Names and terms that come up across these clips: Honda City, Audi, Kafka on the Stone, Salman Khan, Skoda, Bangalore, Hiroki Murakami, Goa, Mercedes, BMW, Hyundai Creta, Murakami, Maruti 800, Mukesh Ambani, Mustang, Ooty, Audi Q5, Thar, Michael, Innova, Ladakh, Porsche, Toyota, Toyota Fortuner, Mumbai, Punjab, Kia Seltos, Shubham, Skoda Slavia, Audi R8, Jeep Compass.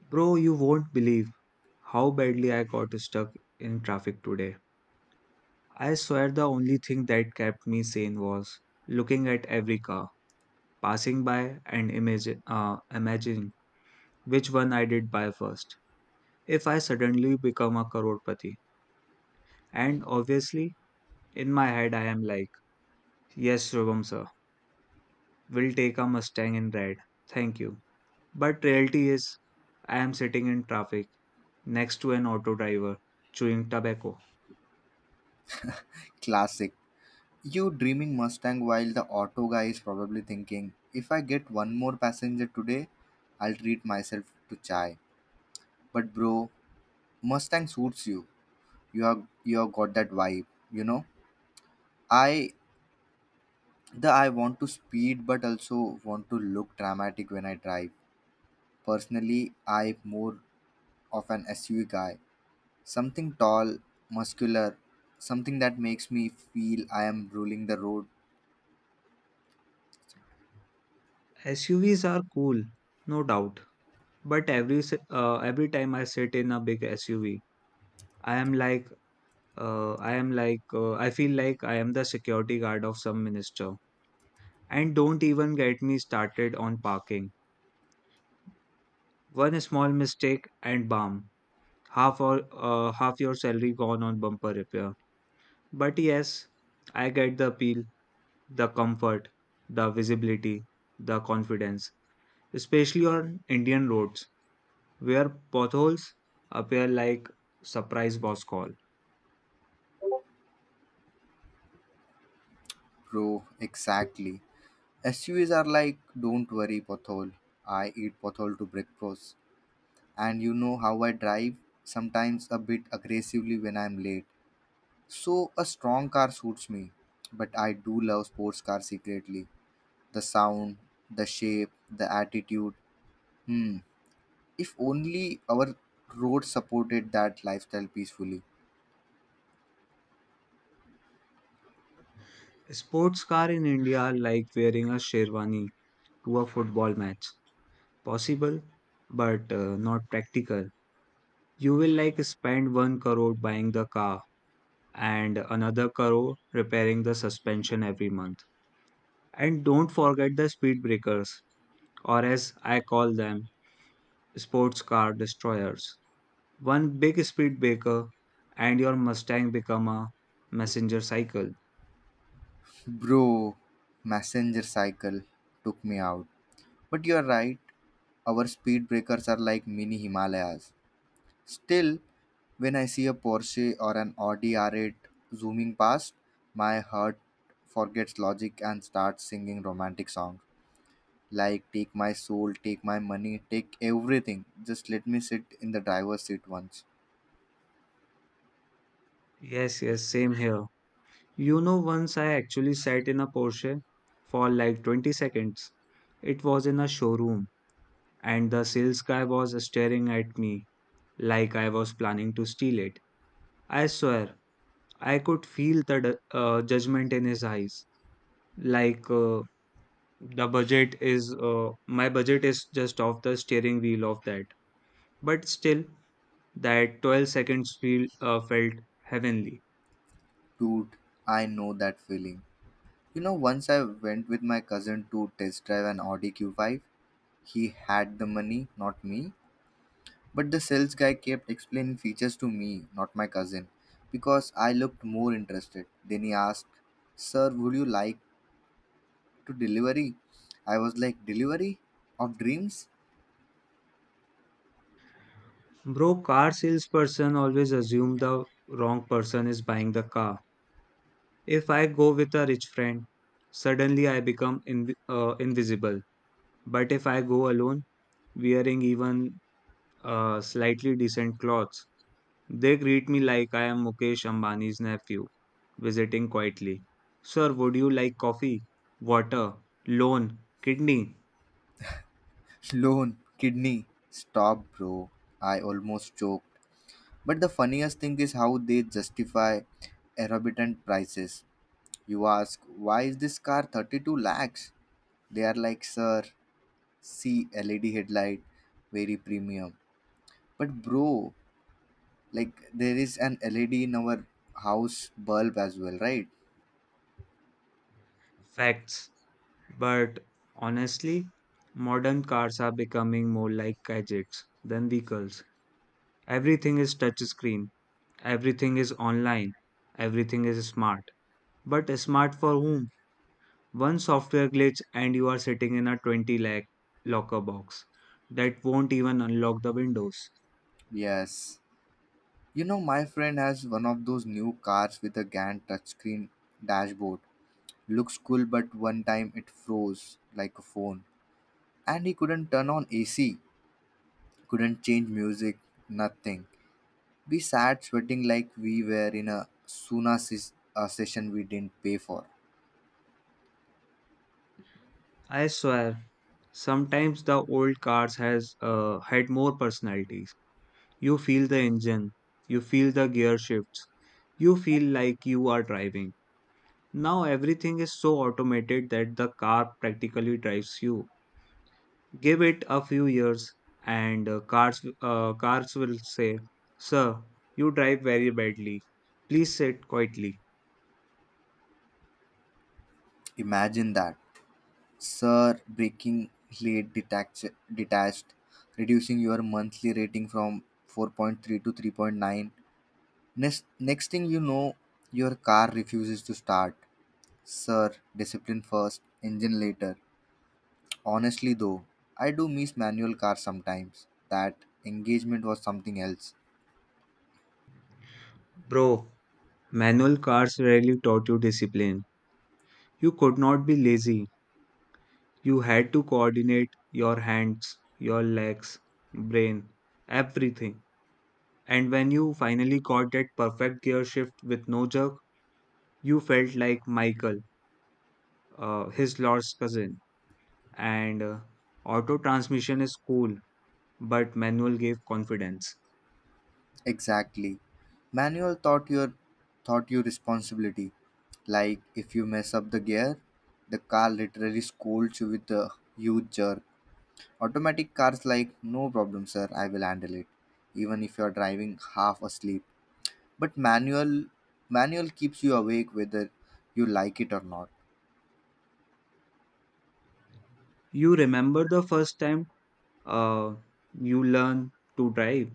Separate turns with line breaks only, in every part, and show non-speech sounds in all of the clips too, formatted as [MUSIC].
Bro, you won't believe how badly I got stuck in traffic today. I swear the only thing that kept me sane was looking at every car passing by and imagining which one I did buy first. If I suddenly become a crorepati, and obviously in my head I am like, yes, Shubham sir, we'll take a Mustang in red, thank you. But reality is, I am sitting in traffic next to an auto driver chewing tobacco.
Classic. You dreaming Mustang while the auto guy is probably thinking, if I get one more passenger today, I'll treat myself to chai. But bro, Mustang suits you. You have got that vibe, you know? I I want to speed but also want to look dramatic when I drive. Personally, I'm more of an SUV guy. Something tall, muscular, something that makes me feel I am ruling the road.
SUVs are cool, no doubt. But every time I sit in a big SUV, I am like I feel like I am the security guard of some minister. And don't even get me started on parking. One small mistake and bam, half your salary gone on bumper repair. But yes, I get the appeal, the comfort, the visibility, the confidence, especially on Indian roads where potholes appear like surprise boss call.
Bro, exactly. SUVs are like, don't worry, pothole. I eat pothole to breakfast. And you know how I drive, sometimes a bit aggressively when I'm late. So a strong car suits me. But I do love sports cars secretly. The sound, the shape, the attitude. Hmm. If only our road supported that lifestyle peacefully.
Sports car in India are like wearing a sherwani to a football match. Possible, but not practical. You will like spend one crore buying the car and another crore repairing the suspension every month. And don't forget the speed breakers, or as I call them, sports car destroyers. One big speed breaker, and your Mustang become a messenger cycle.
Bro, messenger cycle took me out. But you're right, our speed breakers are like mini Himalayas. Still, when I see a Porsche or an Audi R8 zooming past, my heart forgets logic and starts singing romantic songs like Take My Soul, Take My Money, Take Everything. Just let me sit in the driver's seat once.
Yes, yes, same here. You know, once I actually sat in a Porsche for like 20 seconds. It was in a showroom, and the sales guy was staring at me like I was planning to steal it. I swear, I could feel the judgment in his eyes. Like, uh, my budget is just off the steering wheel of that. But still, that 12 seconds felt heavenly.
Dude, I know that feeling. You know, once I went with my cousin to test drive an Audi Q5. He had the money, not me. But the sales guy kept explaining features to me, not my cousin, because I looked more interested. Then he asked, Sir, would you like to delivery? I was like, Delivery? Of dreams?
Bro, car salesperson always assume the wrong person is buying the car. If I go with a rich friend, suddenly I become invisible. But if I go alone, wearing even slightly decent clothes, they greet me like I am Mukesh Ambani's nephew, visiting quietly. Sir, would you like coffee, water, loan, kidney?
[LAUGHS] Loan, kidney. Stop, bro. I almost choked. But the funniest thing is how they justify exorbitant prices. You ask, Why is this car 32 lakhs? They are like, sir, see led headlight, very premium. But bro, like there is an led in our house bulb as well, right?
Facts. But honestly, modern cars are becoming more like gadgets than vehicles. Everything is touchscreen, everything is online, everything is smart. But smart for whom? One software glitch and you are sitting in a 20 lakh locker box that won't even unlock the windows.
Yes, you know, my friend has one of those new cars with a gan touchscreen dashboard. Looks cool, but one time it froze like a phone, and he couldn't turn on ac, couldn't change music, nothing. We sat sweating like we were in a session we didn't pay for.
I swear, sometimes the old cars has had more personalities. You feel the engine, you feel the gear shifts, you feel like you are driving. Now everything is so automated that the car practically drives you. Give it a few years, and cars will say, "Sir, you drive very badly. Please sit quietly."
Imagine that. Sir, detached, reducing your monthly rating from 4.3 to 3.9. Next thing you know, your car refuses to start. Sir, discipline first, engine later. Honestly, though, I do miss manual cars sometimes. That engagement was something else.
Bro, manual cars rarely taught you discipline. You could not be lazy. You had to coordinate your hands, your legs, brain, everything. And when you finally got that perfect gear shift with no jerk, you felt like Michael his lost cousin, and auto transmission is cool, but manual gave confidence.
Exactly. Manual taught you responsibility. Like if you mess up the gear, the car literally scolds you with a huge jerk. Automatic cars like, no problem sir, I will handle it even if you are driving half asleep. But manual keeps you awake whether you like it or not.
You remember the first time uh, you learned to drive?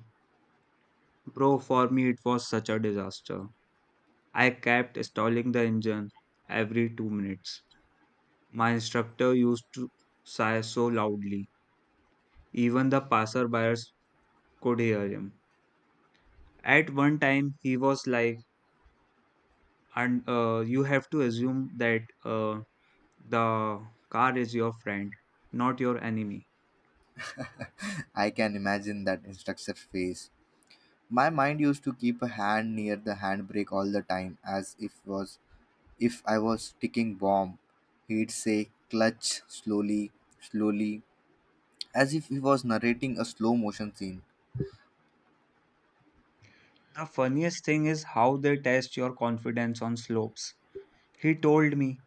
Bro, for me it was such a disaster. I kept stalling the engine every 2 minutes. My instructor used to sigh so loudly, even the passerbyers could hear him. At one time, he was like, and you have to assume that the car is your friend, not your enemy.
[LAUGHS] I can imagine that instructor's face. My mind used to keep a hand near the handbrake all the time as if I was ticking bomb. He'd say clutch slowly, slowly, as if he was narrating a slow motion scene.
The funniest thing is how they test your confidence on slopes. He told me,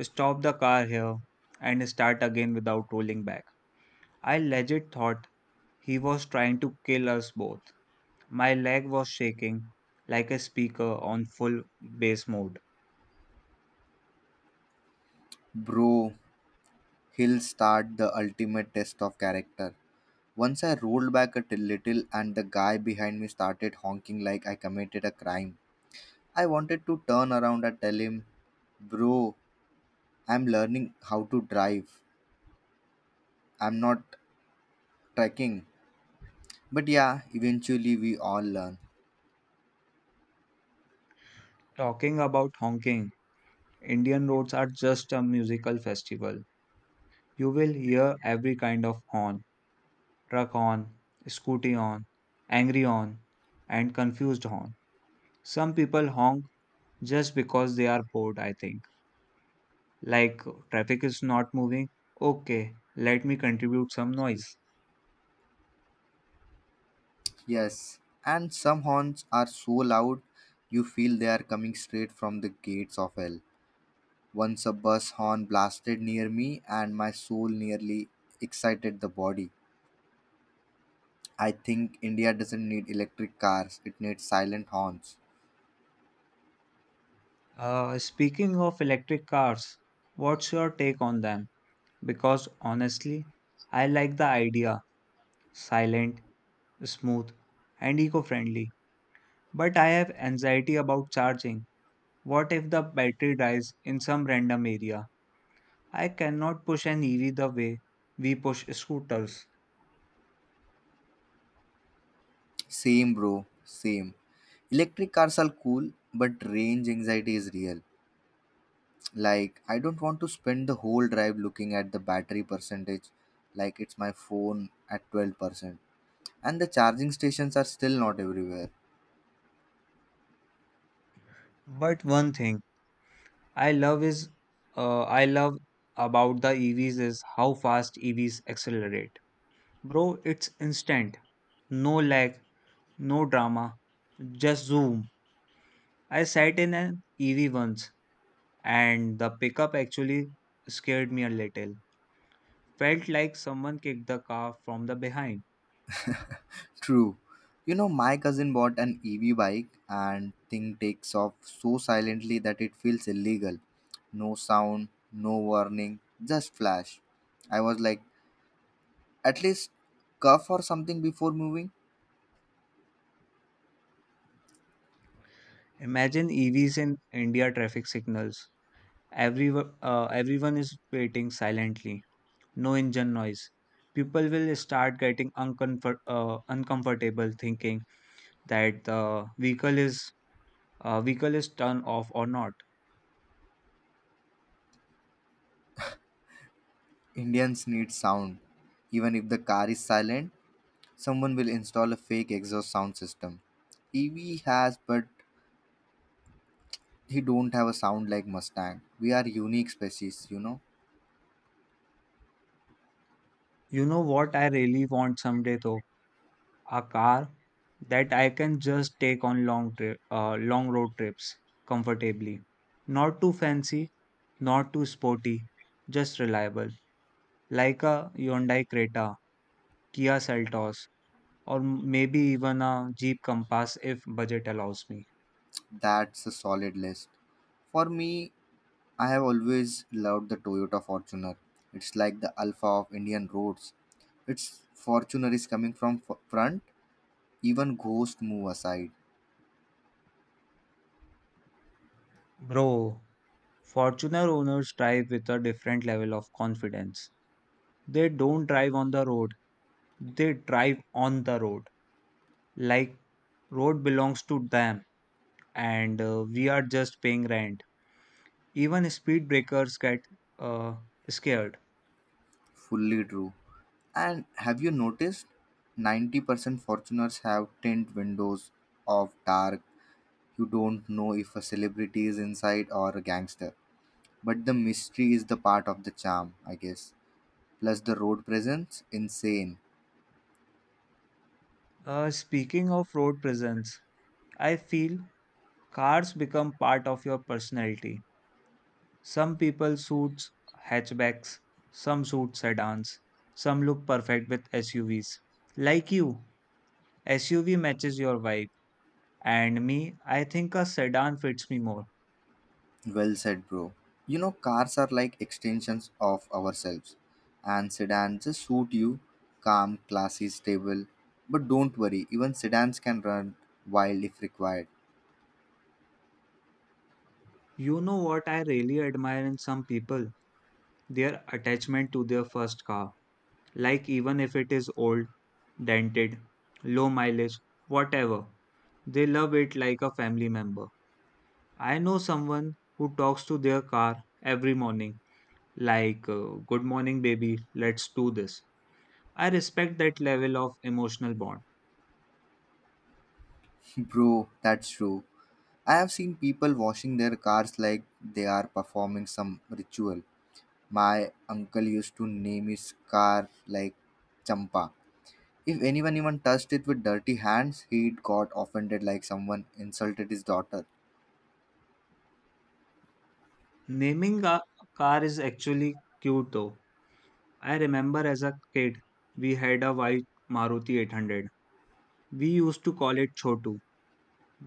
stop the car here and start again without rolling back. I legit thought he was trying to kill us both. My leg was shaking like a speaker on full bass mode.
Bro, he'll start the ultimate test of character. Once I rolled back a little and the guy behind me started honking like I committed a crime. I wanted to turn around and tell him, Bro, I'm learning how to drive. I'm not trekking. But yeah, eventually we all learn.
Talking about honking, Indian roads are just a musical festival. You will hear every kind of horn truck on, scooty on, angry on, and confused on. Some people honk just because they are bored, I think. Like, traffic is not moving. Okay, let me contribute some noise.
Yes, and some horns are so loud you feel they are coming straight from the gates of hell. Once a bus horn blasted near me and my soul nearly excited the body. I think India doesn't need electric cars, it needs silent horns.
Speaking of electric cars, what's your take on them? Because honestly, I like the idea silent, smooth, and eco friendly. But I have anxiety about charging. What if the battery dies in some random area? I cannot push an EV the way we push scooters.
Same, bro, same. Electric cars are cool, but range anxiety is real. Like, I don't want to spend the whole drive looking at the battery percentage, like it's my phone at 12%. And the charging stations are still not everywhere.
But one thing I love is I love about the EVs is how fast EVs accelerate. Bro, it's instant. No lag, no drama, just zoom. I sat in an EV once and the pickup actually scared me a little. Felt like someone kicked the car from the behind.
True. You know, my cousin bought an EV bike and thing takes off so silently that it feels illegal. No sound, no warning, just flash. I was like, at least cuff or something before moving.
Imagine EVs in India traffic signals. Everyone is waiting silently. No engine noise. People will start getting uncomfortable thinking that the vehicle is turned off or not.
Indians need sound. Even if the car is silent, someone will install a fake exhaust sound system. EV has, but he don't have a sound like Mustang. We are unique species, you know.
You know what I really want someday though? A car that I can just take on long long road trips comfortably. Not too fancy, not too sporty, just reliable. Like a Hyundai Creta, Kia Seltos, or maybe even a Jeep Compass if budget allows me.
That's a solid list. For me, I have always loved the Toyota Fortuner. It's like the alpha of Indian roads. Its Fortuner is coming from front, even ghost move aside.
Bro, Fortuner owners drive with a different level of confidence. They don't drive on the road, they drive on the road. Like road belongs to them and we are just paying rent. Even speed breakers get uh, scared.
Fully true. And have you noticed 90% Fortuners have tint windows of dark. You don't know if a celebrity is inside or a gangster. But the mystery is the part of the charm, I guess. Plus the road presence, insane.
Speaking of road presence, I feel cars become part of your personality. Some people suits hatchbacks, some suit sedans, some look perfect with SUVs. Like you, SUV matches your vibe, and me, I think a sedan fits me more.
Well said, bro. You know, cars are like extensions of ourselves, and sedans just suit you, calm, classy, stable. But don't worry, even sedans can run wild if required.
You know what I really admire in some people? Their attachment to their first car. Like, even if it is old, dented, low mileage, whatever, they love it like a family member. I know someone who talks to their car every morning like good morning baby, let's do this. I respect that level of emotional bond.
[LAUGHS] Bro, that's true. I have seen people washing their cars like they are performing some ritual. My uncle used to name his car like Champa. If anyone even touched it with dirty hands, he'd got offended like someone insulted his daughter.
Naming a car is actually cute though. I remember as a kid we had a white Maruti 800. We used to call it Chotu.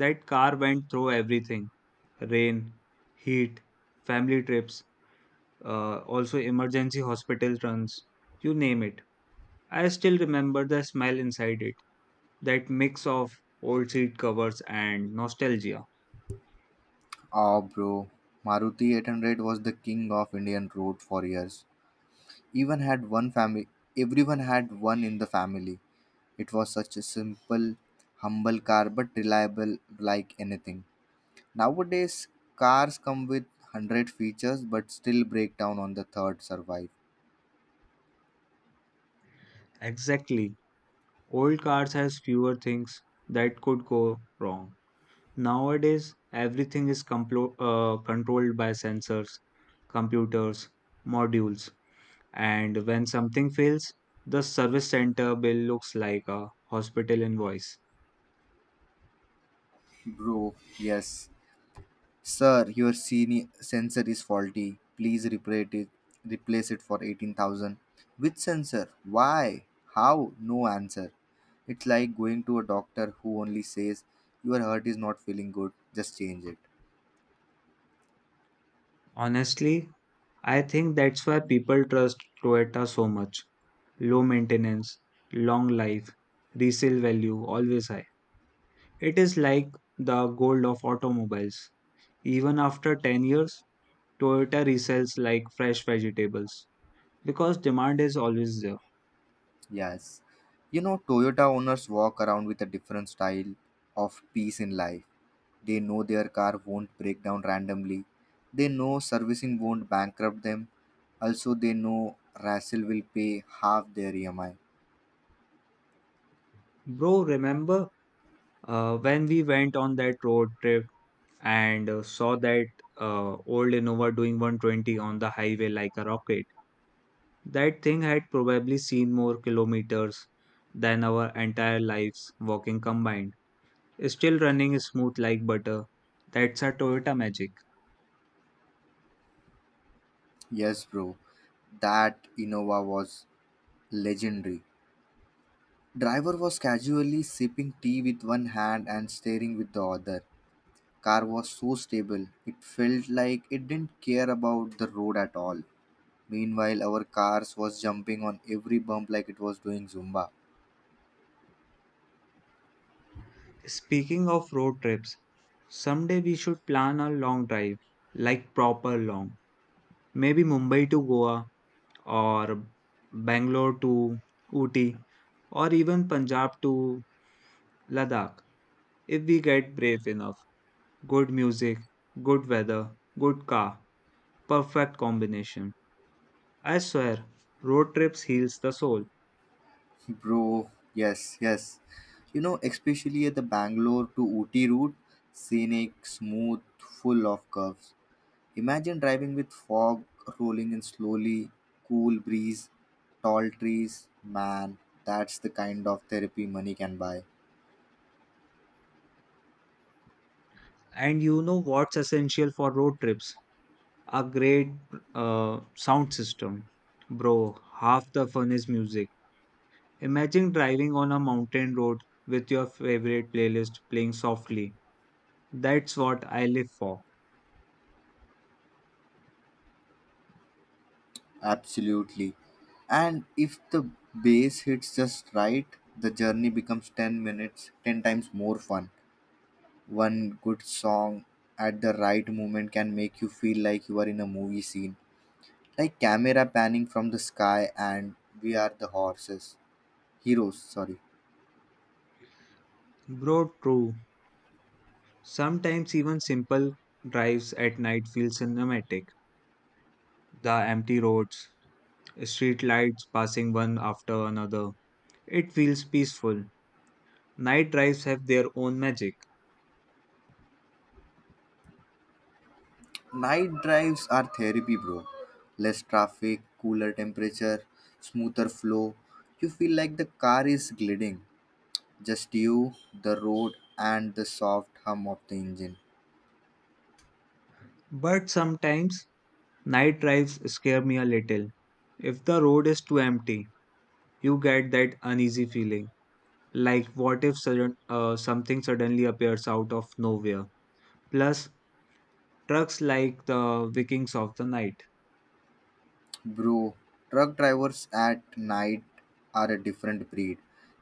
That car went through everything, rain, heat, family trips, also emergency hospital runs. You name it. I still remember the smell inside it, that mix of old seat covers and nostalgia.
Oh, bro. Maruti 800 was the king of Indian road for years. Even had one family. Everyone had one in the family. It was such a simple, humble car, but reliable like anything. Nowadays, cars come with 100 features, but still break down on the third survive.
Exactly. Old cars has fewer things that could go wrong. Nowadays, everything is controlled by sensors, computers, modules, and when something fails, the service center bill looks like a hospital invoice.
Bro, yes. Sir, your sensor is faulty. Please replace it. Replace it for 18,000. Which sensor? Why? How? No answer. It's like going to a doctor who only says, Your heart is not feeling good, just change it.
Honestly, I think that's why people trust Toyota so much. Low maintenance, long life, resale value always high. It is like the gold of automobiles. Even after 10 years, Toyota resells like fresh vegetables because demand is always there.
Yes. You know, Toyota owners walk around with a different style of peace in life. They know their car won't break down randomly. They know servicing won't bankrupt them. Also, they know Russell will pay half their EMI.
Bro, remember when we went on that road trip and saw that old Innova doing 120 on the highway like a rocket? That thing had probably seen more kilometers than our entire lives walking combined. Still running smooth like butter. That's a Toyota magic.
Yes, bro. That Innova was legendary. Driver was casually sipping tea with one hand and staring with the other. Car was so stable. It felt like it didn't care about the road at all. Meanwhile, our cars was jumping on every bump like it was doing Zumba.
Speaking of road trips, someday we should plan a long drive, like proper long. Maybe Mumbai to Goa, or Bangalore to Ooty, or even Punjab to Ladakh. If we get brave enough, good music, good weather, good car, perfect combination. I swear, road trips heals the soul.
[LAUGHS] Bro, yes, yes. You know, especially at the Bangalore to Ooty route, scenic, smooth, full of curves. Imagine driving with fog rolling in slowly, cool breeze, tall trees. Man, that's the kind of therapy money can buy.
And you know what's essential for road trips? A great sound system. Bro, half the fun is music. Imagine driving on a mountain road with your favorite playlist playing softly. That's what I live for.
Absolutely. And if the base hits just right, the journey becomes 10 minutes, 10 times more fun. One good song at the right moment can make you feel like you are in a movie scene, like camera panning from the sky and we are the horses. Heroes, sorry.
Bro, true. Sometimes even simple drives at night feel cinematic. The empty roads, street lights passing one after another. It feels peaceful. Night drives have their own magic.
Night drives are therapy, bro. Less traffic, cooler temperature, smoother flow. You feel like the car is gliding. Just you, the road, and the soft hum of the engine.
But sometimes night drives scare me a little. If the road is too empty, you get that uneasy feeling. Like, what if something suddenly appears out of nowhere? Plus, trucks like the Vikings of the night.
Bro, truck drivers at night are a different breed.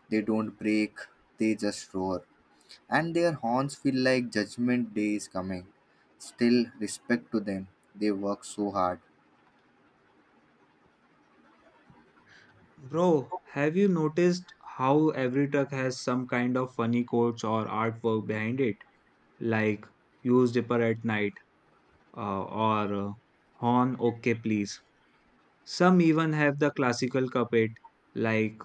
They don't brake, they just roar. And their horns feel like judgment day is coming. Still, respect to them. They work so hard.
Bro, have you noticed how every truck has some kind of funny quotes or artwork behind it? Like, use dipper at night, or horn, okay, please. Some even have the classical carpet like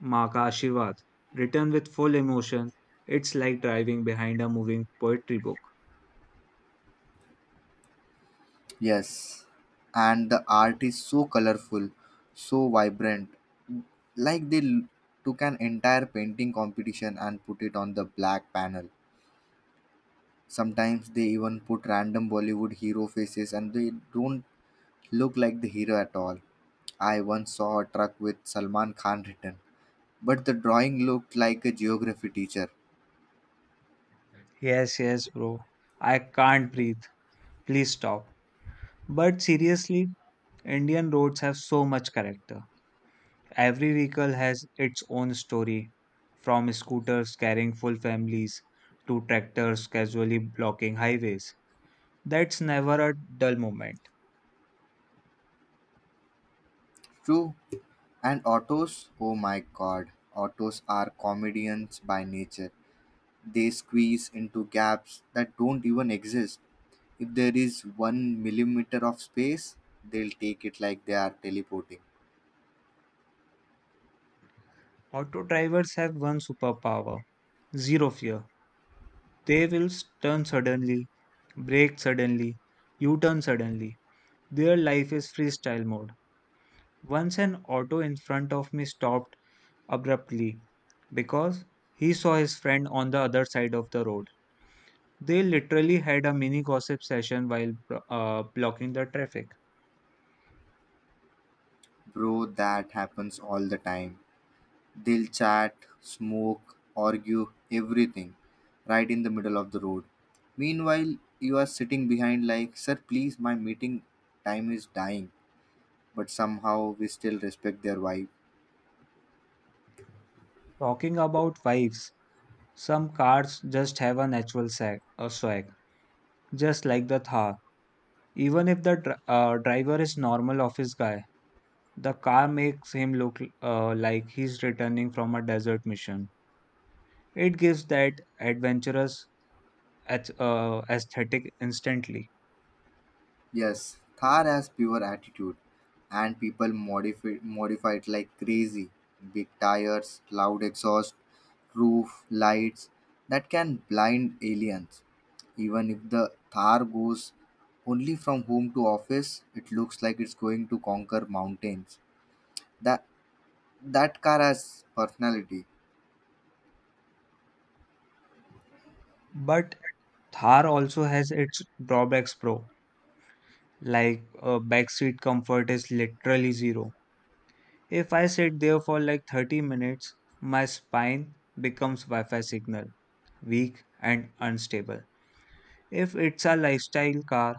"Ma ka Ashirvad" written with full emotion. It's like driving behind a moving poetry book.
Yes, and the art is so colorful, so vibrant. Like they took an entire painting competition and put it on the black panel. Sometimes they even put random Bollywood hero faces and they don't look like the hero at all. I once saw a truck with Salman Khan written, but the drawing looked like a geography teacher.
Yes, yes, bro. I can't breathe. Please stop. But seriously, Indian roads have so much character. Every vehicle has its own story, from scooters carrying full families to tractors casually blocking highways. That's never a dull moment.
True. And autos? Oh my god. Autos are comedians by nature. They squeeze into gaps that don't even exist. If there is one millimeter of space, they'll take it like they are teleporting.
Auto drivers have one superpower, zero fear. They will turn suddenly, brake suddenly, U turn suddenly. Their life is freestyle mode. Once an auto in front of me stopped abruptly because he saw his friend on the other side of the road. They literally had a mini gossip session while blocking the traffic.
Bro, that happens all the time. They'll chat, smoke, argue, everything, right in the middle of the road. Meanwhile, you are sitting behind, like, Sir, please, my meeting time is dying. But somehow we still respect their vibe.
Talking about wives, some cars just have a natural sag, a swag, just like the Thar. Even if the driver is normal office guy, the car makes him look like he's returning from a desert mission. It gives that adventurous aesthetic instantly.
Yes, Thar has pure attitude, and people modify it like crazy. Big tires, loud exhaust, roof, lights that can blind aliens. Even if the Thar goes only from home to office, it looks like it's going to conquer mountains. That that car has personality.
But Thar also has its drawbacks, pro. Like backseat comfort is literally zero. If I sit there for like 30 minutes, my spine becomes Wi Fi signal, weak and unstable. If it's a lifestyle car,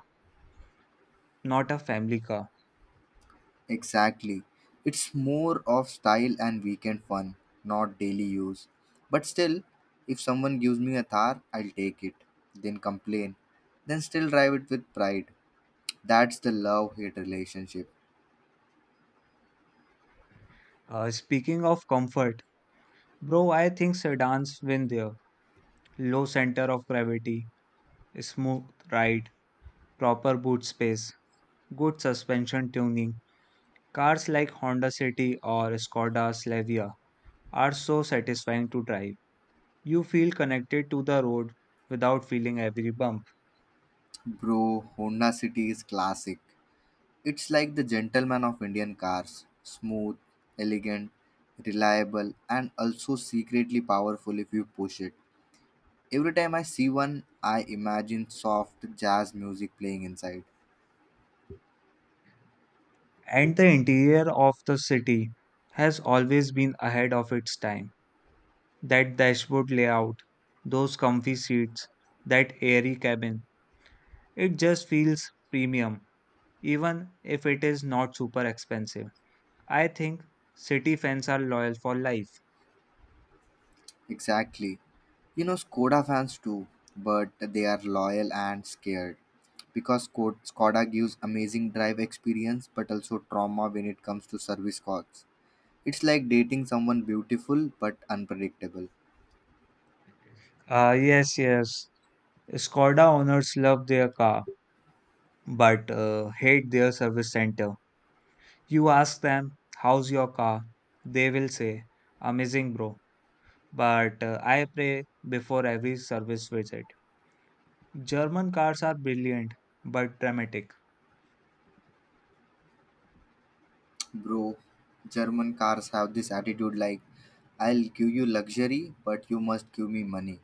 not a family car.
Exactly. It's more of style and weekend fun, not daily use. But still, if someone gives me a Thar, I'll take it, then complain, then still drive it with pride. That's the love hate relationship.
Speaking of comfort, bro, I think sedans win there. Low center of gravity, smooth ride, proper boot space, good suspension tuning. Cars like Honda City or Skoda Slavia are so satisfying to drive. You feel connected to the road without feeling every bump.
Bro, Honda City is classic. It's like the gentleman of Indian cars smooth, elegant, reliable, and also secretly powerful if you push it. Every time I see one, I imagine soft jazz music playing inside.
And the interior of the city has always been ahead of its time. That dashboard layout, those comfy seats, that airy cabin. It just feels premium, even if it is not super expensive. I think city fans are loyal for life.
Exactly. You know, Skoda fans too, but they are loyal and scared because Skoda gives amazing drive experience but also trauma when it comes to service costs. It's like dating someone beautiful but unpredictable.
Ah, yes, yes. Skoda owners love their car, but hate their service center. You ask them, how's your car? They will say, amazing, bro. But I pray before every service visit. German cars are brilliant, but dramatic.
Bro, German cars have this attitude like, I'll give you luxury, but you must give me money.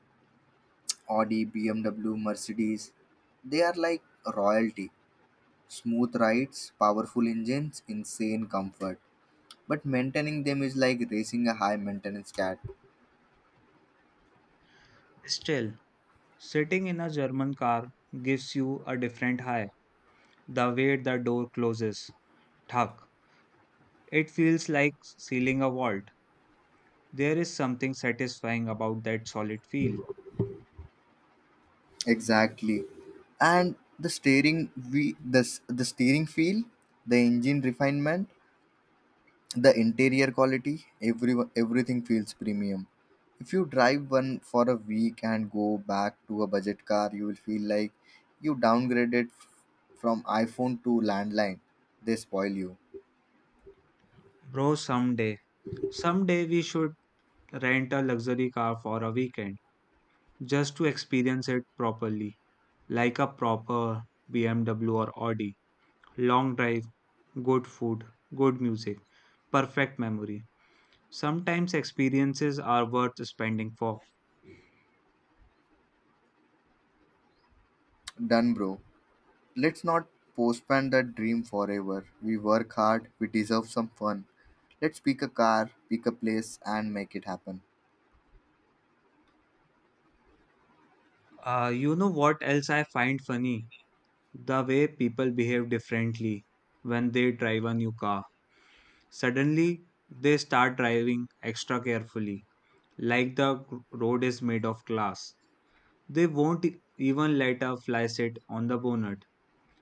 Audi, BMW, Mercedes, they are like royalty. Smooth rides, powerful engines, insane comfort, but maintaining them is like racing a high maintenance cat.
Still, sitting in a German car gives you a different high. The way the door closes, thunk, it feels like sealing a vault. There is something satisfying about that solid feel.
Exactly. And the steering, we the steering feel, the engine refinement, the interior quality, every everything feels premium. If you drive one for a week and go back to a budget car, you will feel like you downgraded from iphone to landline. They spoil you.
Bro, someday we should rent a luxury car for a weekend just to experience it properly, like a proper BMW or Audi. Long drive, good food, good music, perfect memory. Sometimes experiences are worth spending for.
Done bro. Let's not postpone that dream forever. We work hard, we deserve some fun. Let's pick a car, pick a place, and make it happen.
You know what else I find funny? The way people behave differently when they drive a new car. Suddenly, they start driving extra carefully, like the road is made of glass. They won't even let a fly sit on the bonnet.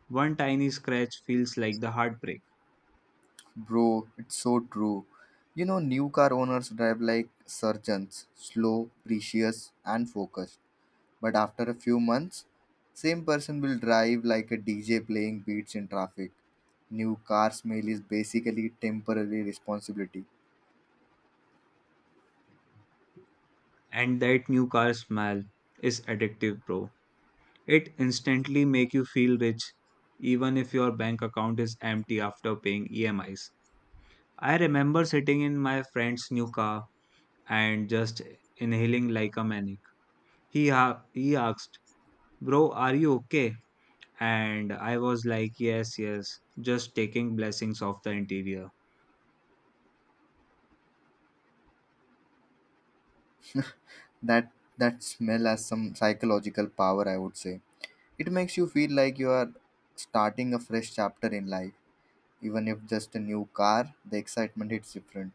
One tiny scratch feels like the heartbreak.
Bro, it's so true. You know, new car owners drive like surgeons slow, precious, and focused. But after a few months, same person will drive like a DJ playing beats in traffic. New car smell is basically temporary responsibility.
And that new car smell is addictive, bro. It instantly make you feel rich, even if your bank account is empty after paying EMIs. I remember sitting in my friend's new car and just inhaling like a maniac. He asked, bro, are you okay? And I was like, yes, yes, just taking blessings of the interior.
[LAUGHS] That that smell has some psychological power, I would say. It makes you feel like you are starting a fresh chapter in life. Even if just a new car, the excitement hits different.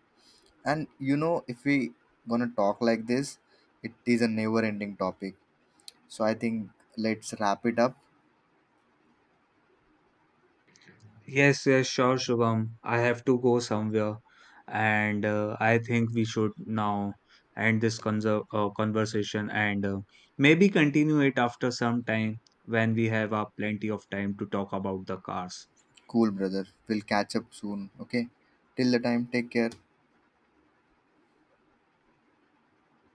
And you know, if we gonna talk like this, it is a never ending topic. So I think let's wrap it up.
Yes, yes, sure, Shubham. I have to go somewhere, and I think we should now end this conversation and maybe continue it after some time when we have plenty of time to talk about the cars.
Cool brother. We'll catch up soon. Okay. Till the time, take care.